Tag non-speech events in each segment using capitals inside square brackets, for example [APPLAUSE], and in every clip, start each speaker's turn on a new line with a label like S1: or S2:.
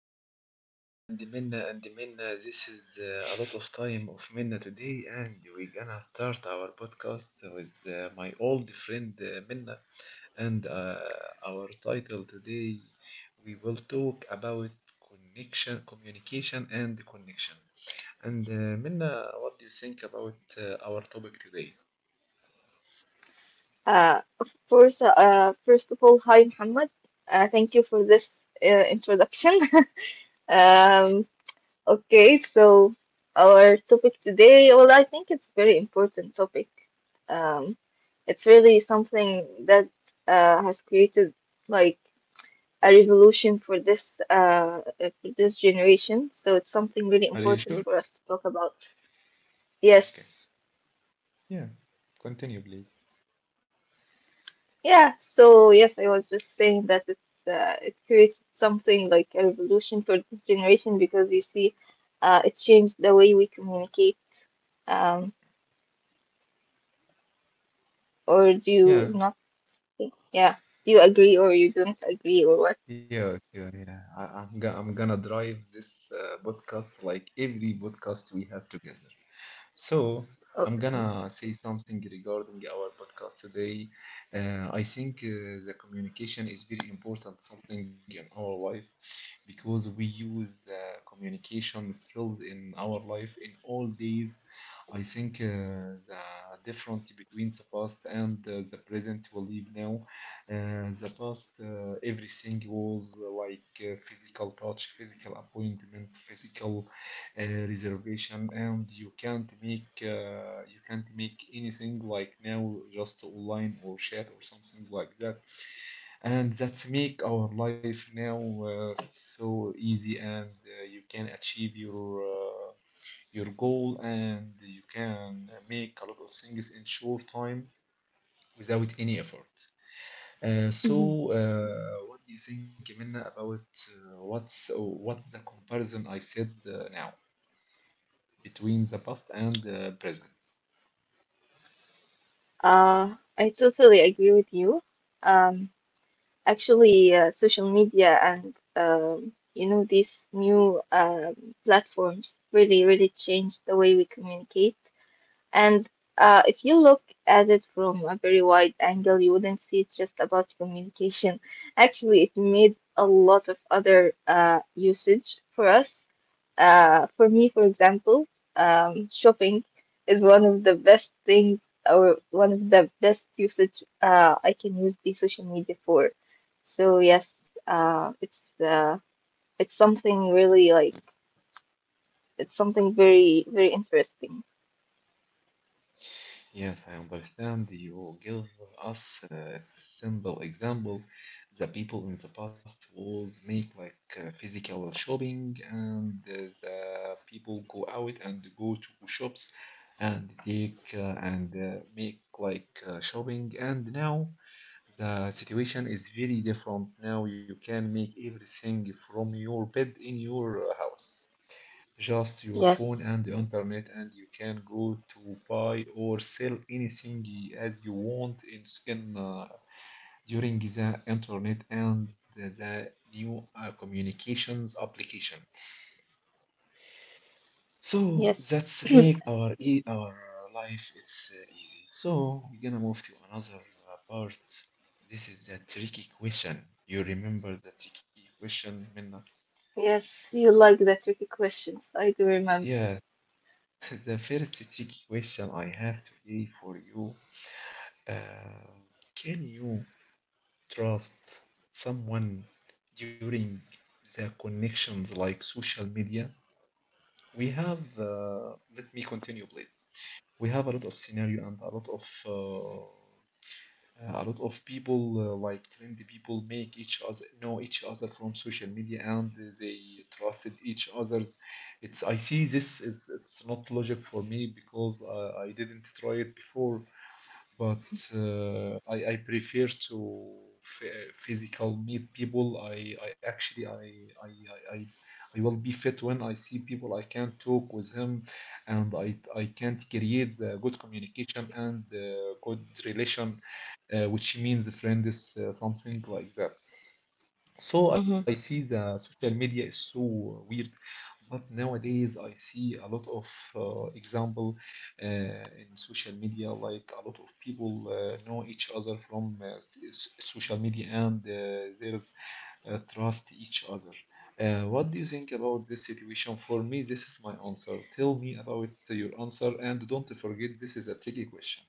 S1: everybody, Minna and Minna and Minna. This is a lot of time of Minna today, and we're gonna start our podcast with my old friend Minna. And our title today, we will talk about connection, communication, and connection. And Minna, what do you think about our topic today?
S2: Of course, first of all, hi Muhammad. Thank you for this introduction. [LAUGHS] Um, okay, so our topic today, well, I think it's very important topic. Um, it's really something that has created like a revolution for this generation. So it's something really
S1: Are you sure?
S2: important for us to talk about.
S1: Okay.
S2: Yes.
S1: Yeah. Continue, please.
S2: Yeah, so yes, I was just saying that it's it created something like a revolution for this generation because you see, it changed the way we communicate. Um, or do you
S1: Yeah.
S2: not think? Yeah, do you agree or you don't agree or what?
S1: Yeah, yeah, yeah. I, I'm, go I'm gonna drive this podcast like every podcast we have together. So, I'm
S2: Okay.
S1: gonna say something regarding our podcast today. I think the communication is very important something in our life because we use communication skills in our life in all days. I think the difference between the past and the present we live now. The past, everything was like physical touch, physical appointment, physical reservation, and you can't make anything like now, just online or chat or something like that. And that's make our life now so easy, and you can achieve your goal, and you can make a lot of things in short time without any effort. uh, so
S2: Hmm.
S1: uh, what do you think, Minna, about what's the comparison I said now between the past and the present?
S2: I totally agree with you. Um, actually, social media and you know these new platforms really, really changed the way we communicate. And if you look at it from a very wide angle, you wouldn't see it just about communication. Actually, it made a lot of other usage for us. For me, for example, shopping is one of the best things or one of the best usage I can use the social media for. So yes, uh, it's uh, it's something really like it's something very, very interesting.
S1: Yes, I understand. You give us a simple example. The people in the past was make like physical shopping, and the people go out and go to shops and take and make like shopping. And now the situation is very different. Now you can make everything from your bed in your house. Just your phone
S2: Yes,
S1: and the internet, and you can go to buy or sell anything as you want in s- in during the internet and the new communications application. So
S2: yes.
S1: that's make our life it's easy. So we're gonna move to another part. This is a tricky question. You remember the tricky question, Minna?
S2: Yes, you like the tricky questions. I do remember.
S1: Yeah. [LAUGHS] The first tricky question I have today for you. Uh, can you trust someone during the connections like social media? Let me continue, please. We have a lot of scenario and a lot of people like trendy people make each other know each other from social media, and they trusted each other's. It's, I see this is, it's not logic for me because I didn't try it before. But I prefer to physical meet people. I I actually I. I will be fit when I see people I can talk with him, and I can't create the good communication and good relation, which means friend is something like that. So I
S2: Hmm.
S1: see the social media is so weird, but nowadays I see a lot of example in social media, like a lot of people know each other from social media, and there's trust each other. What do you think about this situation? For me, this is my answer. Tell me about your answer, and don't forget this is a tricky question.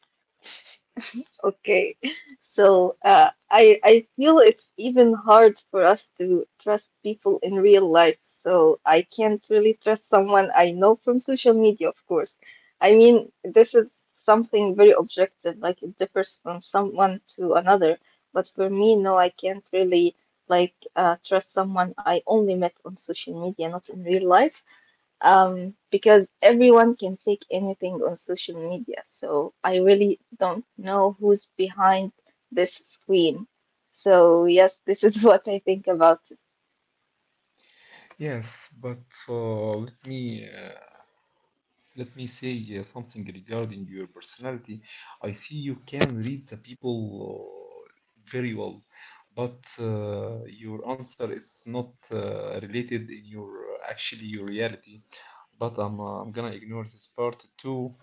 S2: Okay, so I feel it's even hard for us to trust people in real life. So I can't really trust someone I know from social media, of course. I mean, this is something very objective, like it differs from someone to another. But for me, no, I can't really like trust someone I only met on social media, not in real life. Because everyone can take anything on social media. So I really don't know who's behind this screen. So yes, this is [LAUGHS] what I think about it.
S1: Yes, but uh, let me. Uh, Let me say something regarding your personality. I see you can read the people uh, very well, but your answer is not related in your actually your reality. But I'm gonna ignore this part too.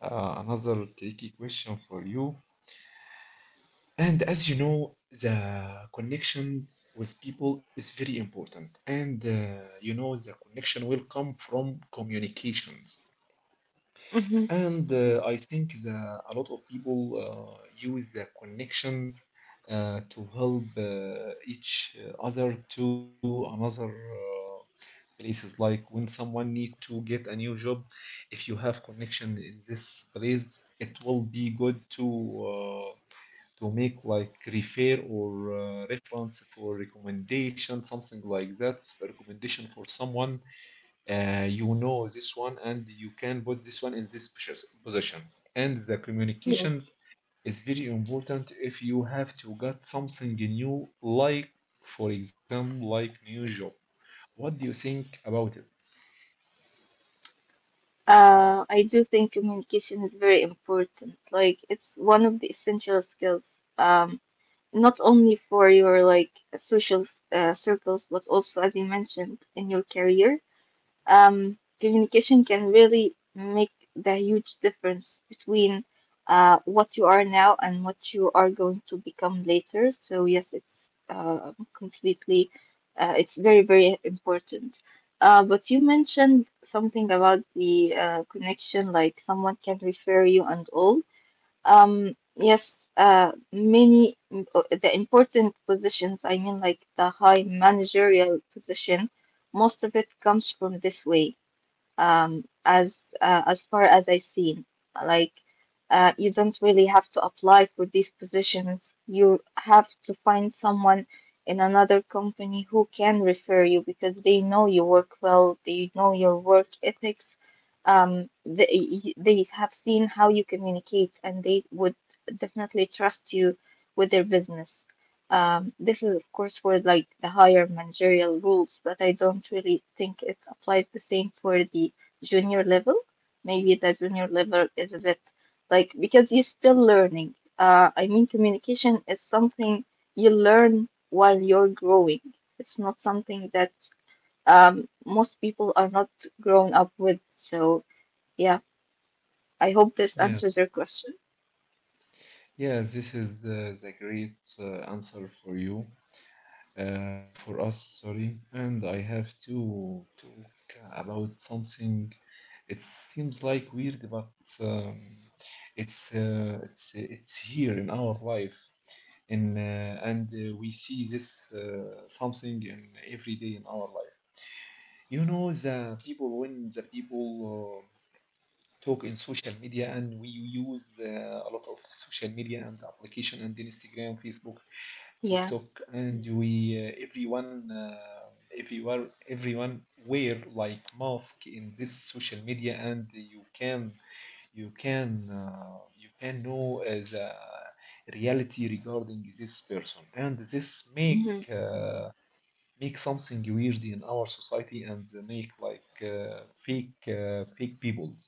S1: Another tricky question for you. And as you know, the connections with people is very important. And you know, the connection will come from communications.
S2: Hmm.
S1: And I think a lot of people use the connections to help each other to another places. Like when someone need to get a new job, if you have connection in this place, it will be good uh, to make like refer or reference for recommendation, something like that, recommendation for someone. You know this one, and you can put this one in this position. And the
S2: Yes.
S1: communications is very important if you have to get something new, like for example, like new job. What do you think about it?
S2: I do think communication is very important. Like it's one of the essential skills, not only for your like social circles, but also as you mentioned in your career. Communication can really make the huge difference between what you are now and what you are going to become later. So yes, it's completely, it's very, very important. But you mentioned something about the connection, like someone can refer you and all. Yes, the important positions, I mean, like the high managerial position, most of it comes from this way, as far as I've seen. Like you don't really have to apply for these positions. You have to find someone in another company who can refer you because they know you work well, they know your work ethics. They have seen how you communicate, and they would definitely trust you with their business. This is, of course, for like the higher managerial rules, but I don't really think it applies the same for the junior level. Maybe the junior level is a bit like because you're still learning. I mean, communication is something you learn while you're growing. It's not something that most people are not grown up with. So, yeah, I hope this
S1: Yeah,
S2: answers your question.
S1: yeah, this is the great answer for you. For us, sorry. And I have to talk about something. It seems like weird, but um, it's here in our life, in and we see this something in every day in our life. You know the people when the people talk in social media, and we use a lot of social media and application, and Instagram, Facebook,
S2: Yeah.
S1: TikTok. And we everyone everywhere everyone wear like mask in this social media, and you can know as a reality regarding this person, and this make
S2: Hmm.
S1: make something weird in our society, and they make like fake peoples.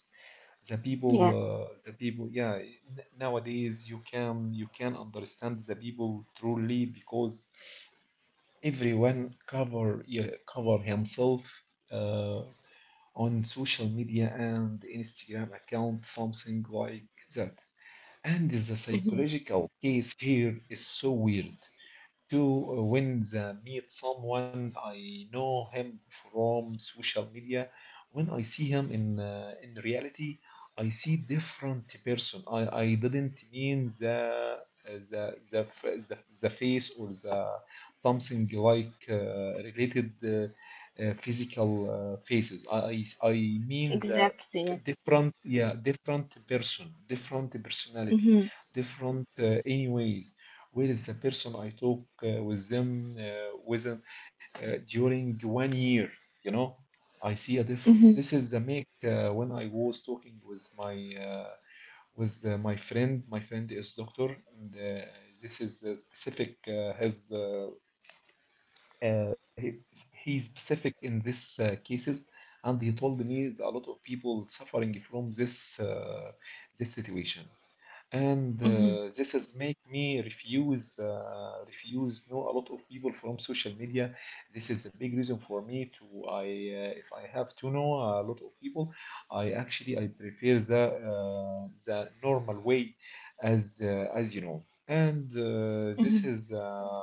S1: the people
S2: Yeah.
S1: uh, the people, yeah, nowadays you can understand the people truly because everyone cover, yeah, cover himself uh, on social media and Instagram account, something like that. And the
S2: Hmm.
S1: psychological case here is so weird to when the meet someone I know him from social media. When I see him in reality, I see different person. I didn't mean the the face or the something like related physical faces. I mean the
S2: Exactly. Yes.
S1: different, yeah, different person, different personality,
S2: Mm-hmm.
S1: different anyways. Where is the person I talk with them, during one year? You know, I see a difference. This is the make when I was talking with uh, my friend. My friend is doctor, and this is specific uh, he, he's specific in this cases. And he told me a lot of people suffering from this situation, and
S2: Hmm.
S1: this has make me refuse know a lot of people from social media. This is a big reason for me to I if I have to know a lot of people, I prefer the normal way, as you know. And
S2: Hmm.
S1: this is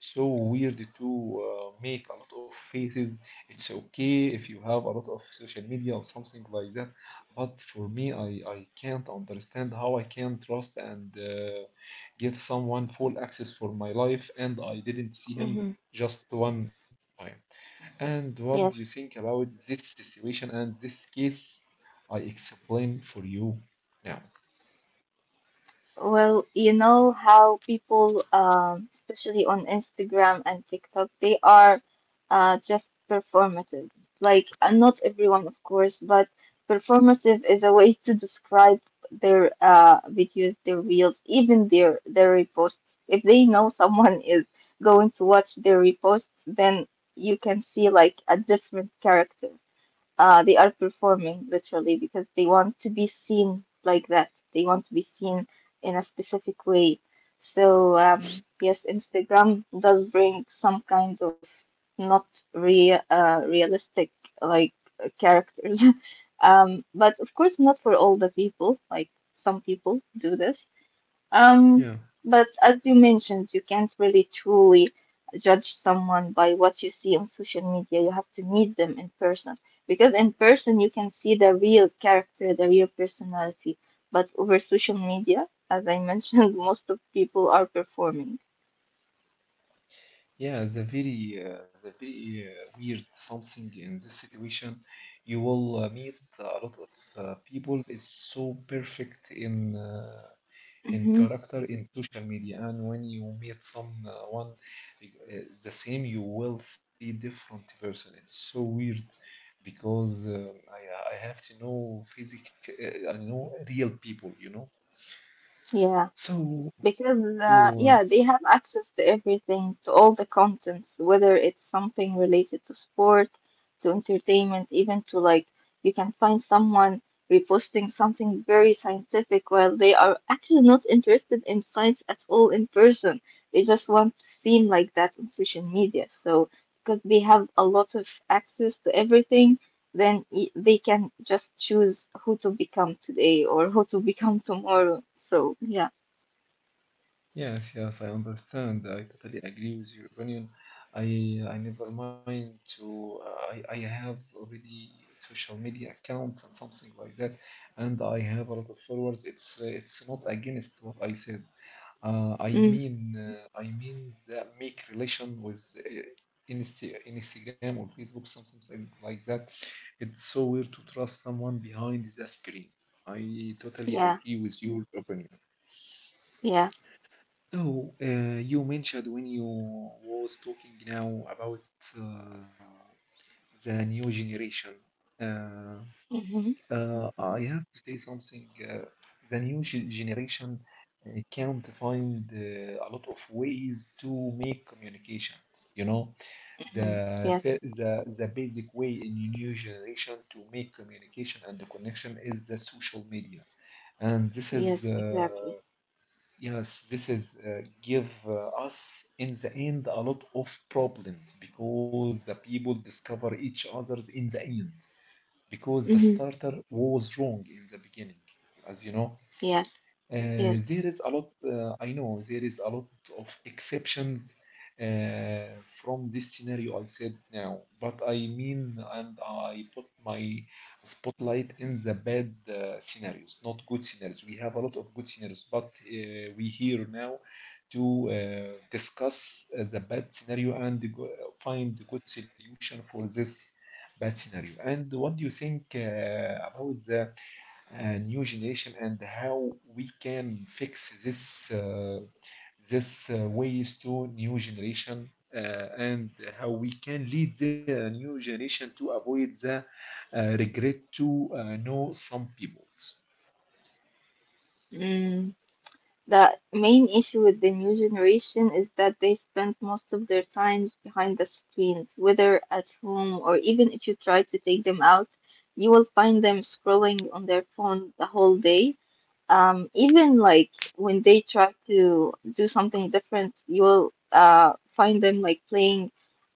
S1: so weird to make a lot of faces. It's okay if you have a lot of social media or something like that, but for me, I can't understand how I can trust and give someone full access for my life, and I didn't see him
S2: Hmm.
S1: just one time. And what do you
S2: Yes.
S1: think about this situation and this case I explain for you now?
S2: Well, you know how people, especially on Instagram and TikTok, they are just performative. Like, not everyone, of course, but performative is a way to describe their videos, their reels, even their reposts. If they know someone [LAUGHS] is going to watch their reposts, then you can see like a different character. They are performing literally because they want to be seen like that. They want to be seen in a specific way. So yes, Instagram does bring some kind of not real, realistic like characters, [LAUGHS] but of course not for all the people. Like some people do this, um,
S1: Yeah.
S2: but as you mentioned, you can't really truly judge someone by what you see on social media. You have to meet them in person because in person you can see the real character, the real personality. But over social media, as I mentioned, [LAUGHS] most of people are performing.
S1: Yeah, the very weird something in this situation, you will meet a lot of people is so perfect in
S2: Hmm.
S1: character in social media, and when you meet someone, uh, the same, you will see different person. It's so weird because I have to know physical, I know real people, you know.
S2: Yeah.
S1: So
S2: because
S1: so uh,
S2: Yeah, they have access to everything, to all the contents, whether it's something related to sport, to entertainment, even to like you can find someone reposting something very scientific while they are actually not interested in science at all in person. They just want to seem like that on social media. So because they have a lot of access to everything, then they can just choose who to become today or who to [LAUGHS] become tomorrow. So yeah.
S1: Yes, yes, I understand. I totally agree with your opinion. I never mind to I have already social media accounts and something like that, and I have a lot of followers. It's not against what I said. I mean the make relation with Instagram or Facebook, something like that. It's so weird to trust someone behind the screen. I totally
S2: Yeah,
S1: agree with your opinion.
S2: yeah.
S1: Oh, you mentioned when you was talking now about uh, the new generation. Uh,
S2: Mm-hmm.
S1: I have to say something. The new generation can't find a lot of ways to make communications. You know, the
S2: Hmm.
S1: fi-
S2: Yes,
S1: the basic way in new generation to make communication and the connection is the social media, and this is.
S2: yes, exactly.
S1: Yes, this is give us in the end a lot of problems because the people discover each others in the end because the
S2: Mm-hmm.
S1: starter was wrong in the beginning, as you know.
S2: Yeah, yes.
S1: There is a lot, I know there is a lot of exceptions from this scenario I said now, but I mean, and I put my spotlight in the bad scenarios, not good scenarios. We have a lot of good scenarios, but we here now to discuss the bad scenario and find a good solution for this bad scenario. And what do you think about the new generation, and how we can fix this ways to new generation and how we can lead the new generation to avoid the regret to know some people?
S2: Mm. The main issue with the new generation is that they spend most of their time behind the screens, whether at home or even if you try to take them out, you will find them scrolling on their phone the whole day. Even like when they try to do something different, you'll find them like playing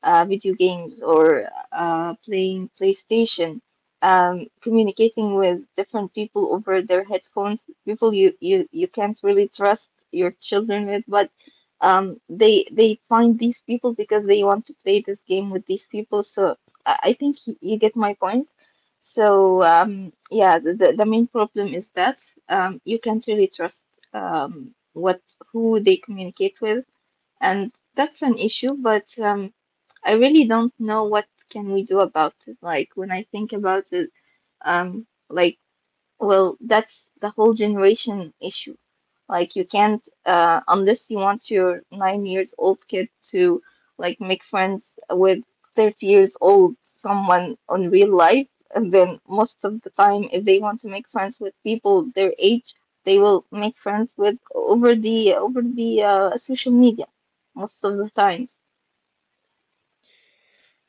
S2: video games or playing PlayStation, communicating with different people over their headphones, people you can't really trust your children with. But they find these people because they want to play this game with these people. So I think you get my point. So yeah, the main problem is that you can't really trust what, who they communicate with, and that's an issue. But I really don't know what can we do about it. Like when I think about it, um, like. Well, that's the whole generation issue. Like, you can't, unless you want your 9-year-old old kid to, like, make friends with 30 years old someone on real life, and then most of the time, if they want to make friends with people their age, they will make friends with over the social media most of the times.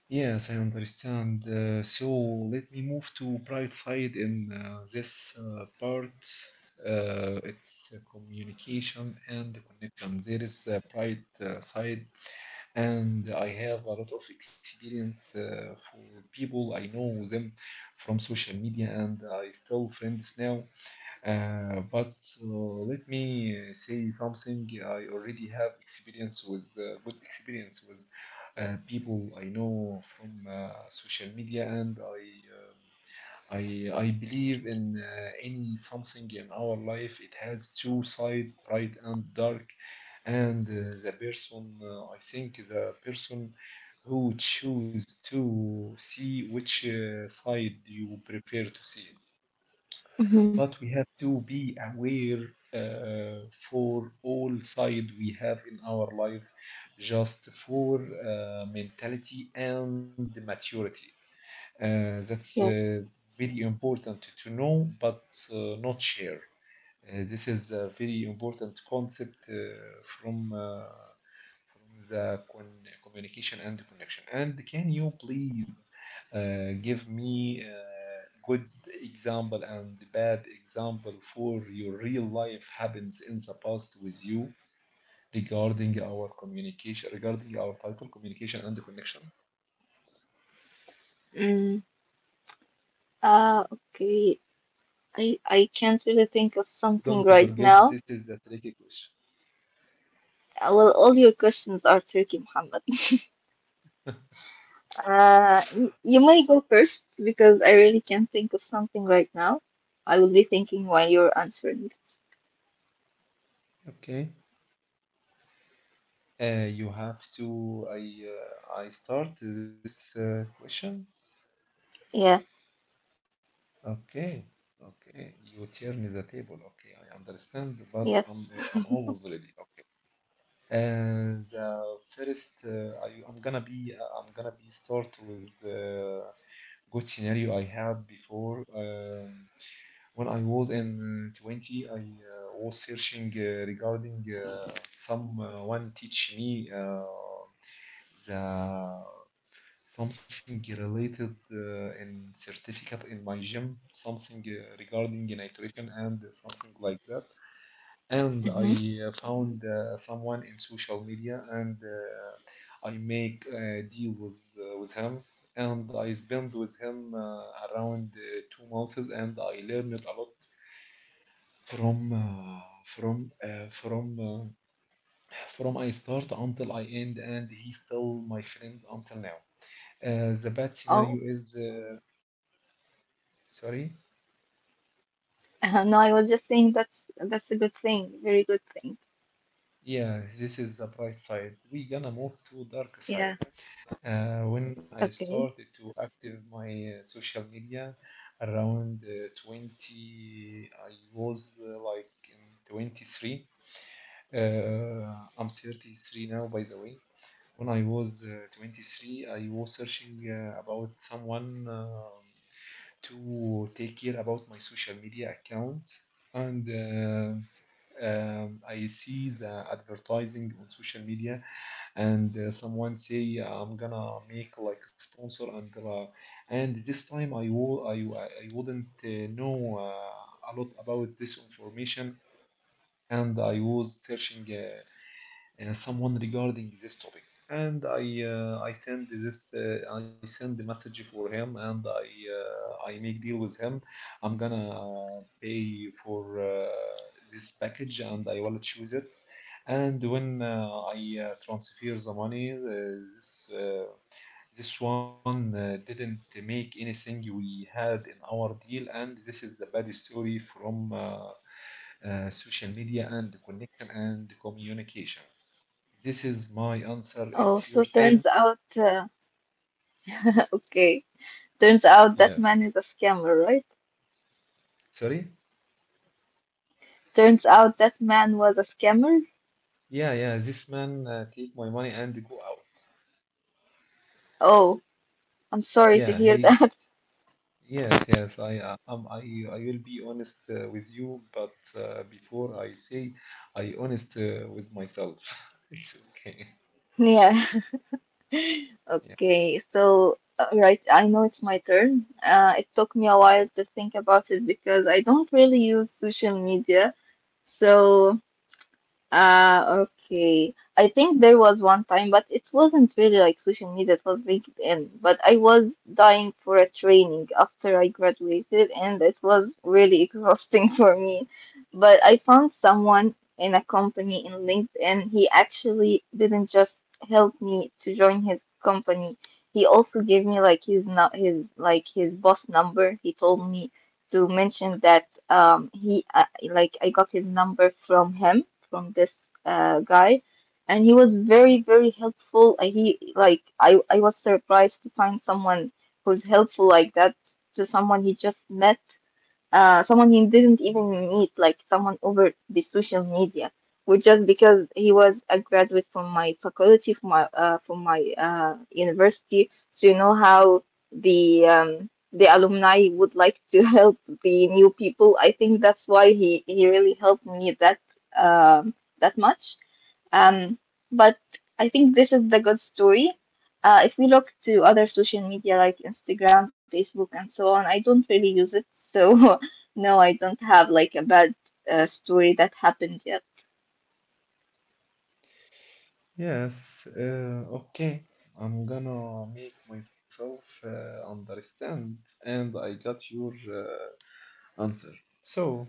S1: Yes, I understand. So let me move to bright side in this part. It's communication and connection. There is a bright side and I have a lot of experience for people I know them from social media, and I still friends now. But uh, let me say something. I already have experience with good experience with people I know from social media, and I believe in any something in our life. It has two side, bright and dark, and the person I think the person who choose to see which side you prefer to see,
S2: Hmm.
S1: but we have to be aware uh, for all side we have in our life, just for mentality and maturity that's
S2: Yes.
S1: Very important to know, but not share. This is a very important concept from uh, from the communication and connection. And can you please give me good example and bad example for your real life happens in the past with you regarding our communication, regarding our title, communication and connection?
S2: Mm, okay. I can't really think of something
S1: Don't
S2: right
S1: forget,
S2: now.
S1: this is a tricky question.
S2: Well, all your questions are tricky, Muhammad. [LAUGHS] You may go first because I really can't think of something right now. I will be thinking while you're answering.
S1: Okay. You have to. I I start this uh, question.
S2: Yeah,
S1: Okay, okay. You turn the table. Okay, I understand, but I'm
S2: yes.
S1: I'm always ready. Okay. And the first, I'm gonna be start with good scenario I had before. When I was in 20, I was searching regarding someone teach me the Something related in certificate in my gym, something regarding nutrition and something like that. And I
S2: Hmm.
S1: found someone in social media and I make a deal with him. And I spent with him around 2 months, and I learned a lot from uh, from uh, from uh, from I start until I end, and he's still my friend until now. The bad scenario
S2: Oh,
S1: is Sorry?
S2: no, I was just saying that's a good thing, very good thing.
S1: Yeah, this is the bright side. We gonna move to dark side.
S2: Yeah,
S1: When I started
S2: okay.
S1: to active my social media around 20, I was like in 23. Uh, I'm 33 now, by the way. When I was 23, I was searching about someone to take care about my social media account and I see the advertising on social media and someone say I'm gonna make like sponsor and this time I wouldn't know a lot about this information and I was searching someone regarding this topic, and I send this I send the message for him and I make deal with him. I'm gonna pay for this package and I will choose it. And when I transfer the money, this uh, this one didn't make anything we had in our deal, and this is a bad story from social media and connection and communication. This is my answer.
S2: Oh,
S1: It's your
S2: so
S1: turn.
S2: turns out, [LAUGHS] okay, turns out
S1: Yeah.
S2: that man is a scammer, right?
S1: Sorry?
S2: Turns out that man was a scammer.
S1: Yeah, yeah. This man take my money and go out.
S2: Oh, I'm sorry
S1: Yeah,
S2: to
S1: he.
S2: hear that.
S1: Yes, yes. I will be honest with you, but before I say, I honest with myself. [LAUGHS] It's okay.
S2: [LAUGHS] Yeah.
S1: Yeah.
S2: Okay, so right, I know it's my turn. It took me a while to think about it because I don't really use social media. So. Ah, okay. I think there was one time, but it wasn't really like social media, it was LinkedIn. But I was dying for a training after I graduated, and it was really exhausting [LAUGHS] for me. But I found someone in a company in LinkedIn. He actually didn't just help me to join his company. He also gave me like his not his like his boss number. He told me to mention that he like I got his number from him from this guy, and he was very, very helpful. He like I was surprised to find someone who's helpful like that to someone he just met, someone he didn't even meet, like someone over the social media, which just because he was a graduate from my faculty, from my university. So you know how the alumni would like to [LAUGHS] help the new people. I think that's why he really helped me um, that much. Um, but I think this is the good story. If we look to other social media like Instagram, Facebook, and so on, I don't really use it. So, [LAUGHS] no, I don't have like a bad story that happened yet.
S1: Yes. Okay. I'm gonna make myself understand, and I got your answer. So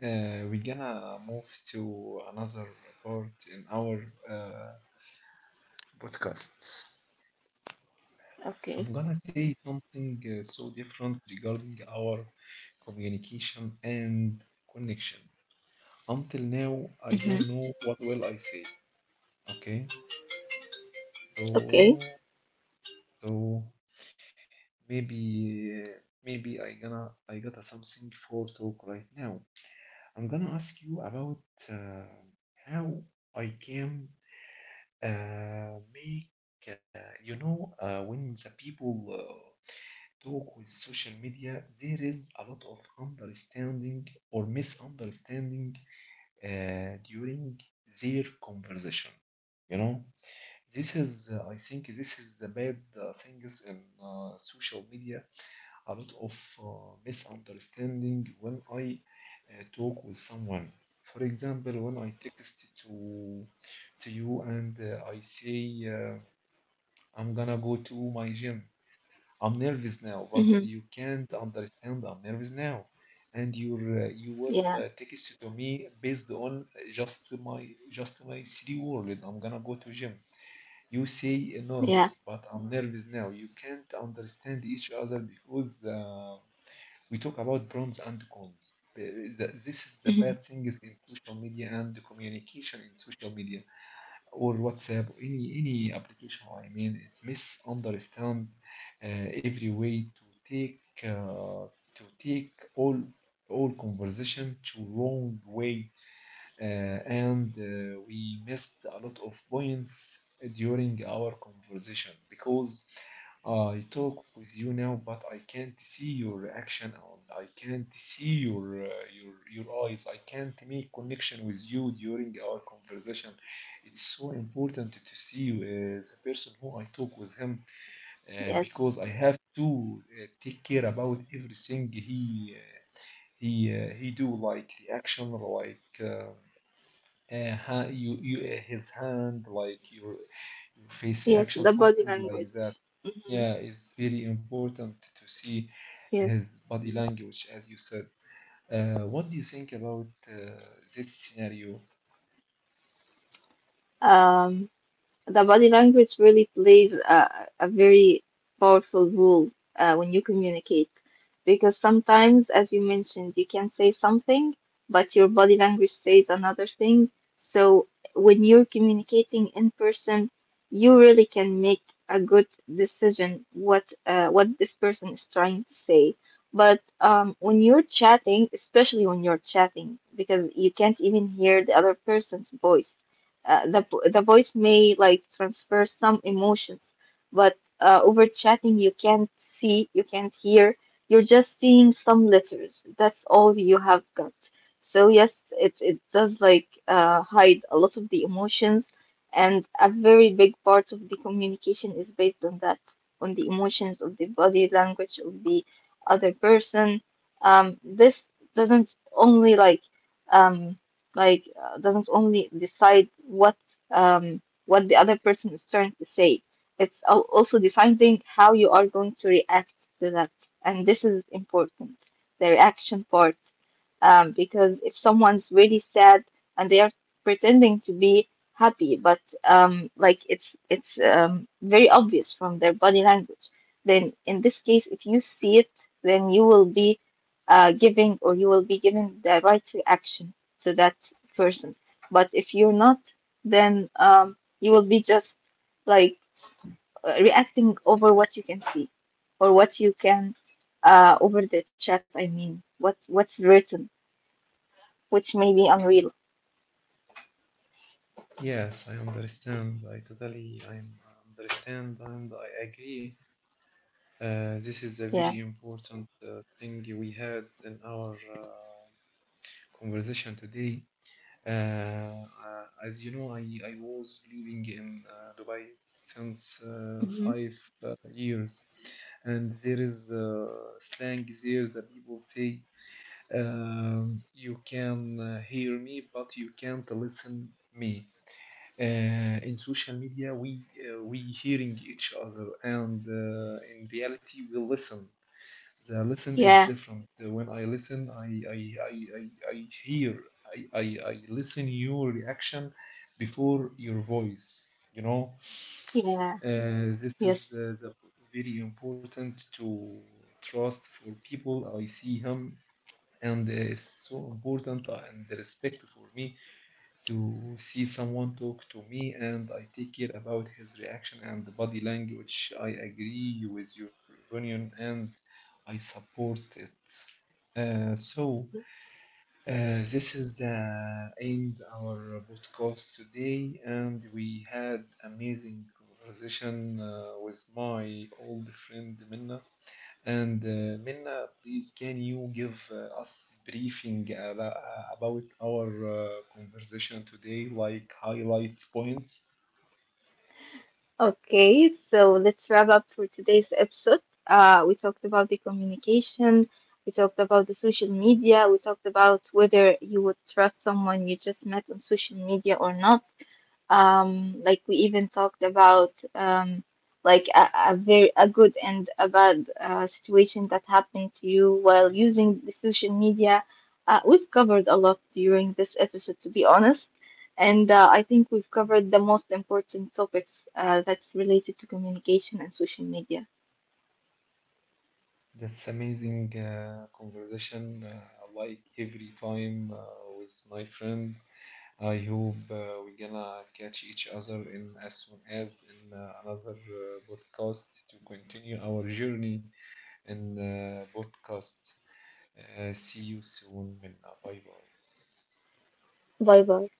S1: we're gonna move to another part in our uh, podcast.
S2: Okay.
S1: I'm gonna say something so different regarding our communication and connection. Until now,
S2: Hmm.
S1: I don't know what will I say. Okay,
S2: Okay.
S1: so so maybe maybe I got something for talk right now. I'm gonna ask you about uh, how I came make you know when the people talk with social media, there is a lot of understanding or misunderstanding during their conversation, you know. This is I think this is the bad things in social media. A lot of uh, misunderstanding when I talk with someone. For example, when I text to you and I say I'm gonna go to my gym. I'm nervous now, but
S2: Hmm.
S1: you can't understand. I'm nervous now, and you
S2: Yeah.
S1: will text to me based on just my three word. I'm gonna go to gym. You say
S2: Yeah.
S1: normally, but I'm nervous now. You can't understand each other because we talk about pros and cons. This is the
S2: Hmm.
S1: bad things in social media and the communication in social media or WhatsApp, or any application. I mean, it's misunderstand every way to take all conversation to wrong way uh, and we missed a lot of points during our conversation because I talk with you now, but I can't see your reaction and I can't see your your eyes. I can't make connection with you during our conversation. It's so important to see the person who I talk with him,
S2: Yes.
S1: because I have to take care about everything he do like reaction like. You his hand like your face
S2: Yes.
S1: reaction,
S2: The body
S1: something like that.
S2: language. Hmm.
S1: Yeah, it's very important to see
S2: Yes.
S1: his body language, as you said. What do you think about this scenario?
S2: Um. The body language really plays a very powerful role when you communicate, because sometimes, as you mentioned, you can say something, but your body language says another thing. So when you're communicating in person, you really can make a good decision what this person is trying to say. But when you're chatting, especially when you're chatting, because you can't even hear the other person's voice, uh, the the voice may like transfer some emotions, but over chatting you can't see, you can't hear. You're just seeing some letters. That's all you have got. So yes, it does like hide a lot of the emotions, and a very big part of the communication is based on that, on the emotions of the body language of the other person. This doesn't only like. Um, like Doesn't only decide um what the other person is trying to say, it's also deciding how you are going to react to that, and this is important, the reaction part, because if someone's really sad and they are pretending to be happy, but it's very obvious from their body language, then in this case if you see it, then you will be giving or you will be given the right reaction to that person. But if you're not, then you will be just like reacting over what you can see or what you can, over the chat. I mean, what what's written, which may be unreal.
S1: Yes, I understand. I totally I understand and I agree. This is a very
S2: Yeah.
S1: important thing we had in our conversation today. As you know, I was living in Dubai since
S2: Hmm.
S1: five years, and there is slang there that people say, you can hear me, but you can't listen me. Uh, in social media, we hearing each other, and in reality, we listen. The listen is
S2: Yeah.
S1: different. When I listen, I hear, I listen your reaction before your voice. You know,
S2: Yeah.
S1: this is
S2: Yes.
S1: the very important to trust for people. I see him, and it's so important and respect for me to see someone talk to me, and I take care about his reaction and body language. I agree with your opinion, and I support it. So, this is end our podcast today, and we had amazing conversation with my old friend Minna. And Minna, please can you give us briefing about our conversation today, like highlight points?
S2: Okay, so let's wrap up for today's episode. We talked about the communication, we talked about the social media, we talked about whether you would trust someone you just met on social media or not. Like we even talked about like a very a good and a bad situation that happened to you while using the social media. We've covered a lot during this episode, to be honest, and I think we've covered the most important topics that's related to communication and social media.
S1: That's amazing conversation, like every time with my friend. I hope we gonna catch each other in as soon as in another podcast to continue our journey in podcast. See you soon, Minna. Bye bye.
S2: Bye bye.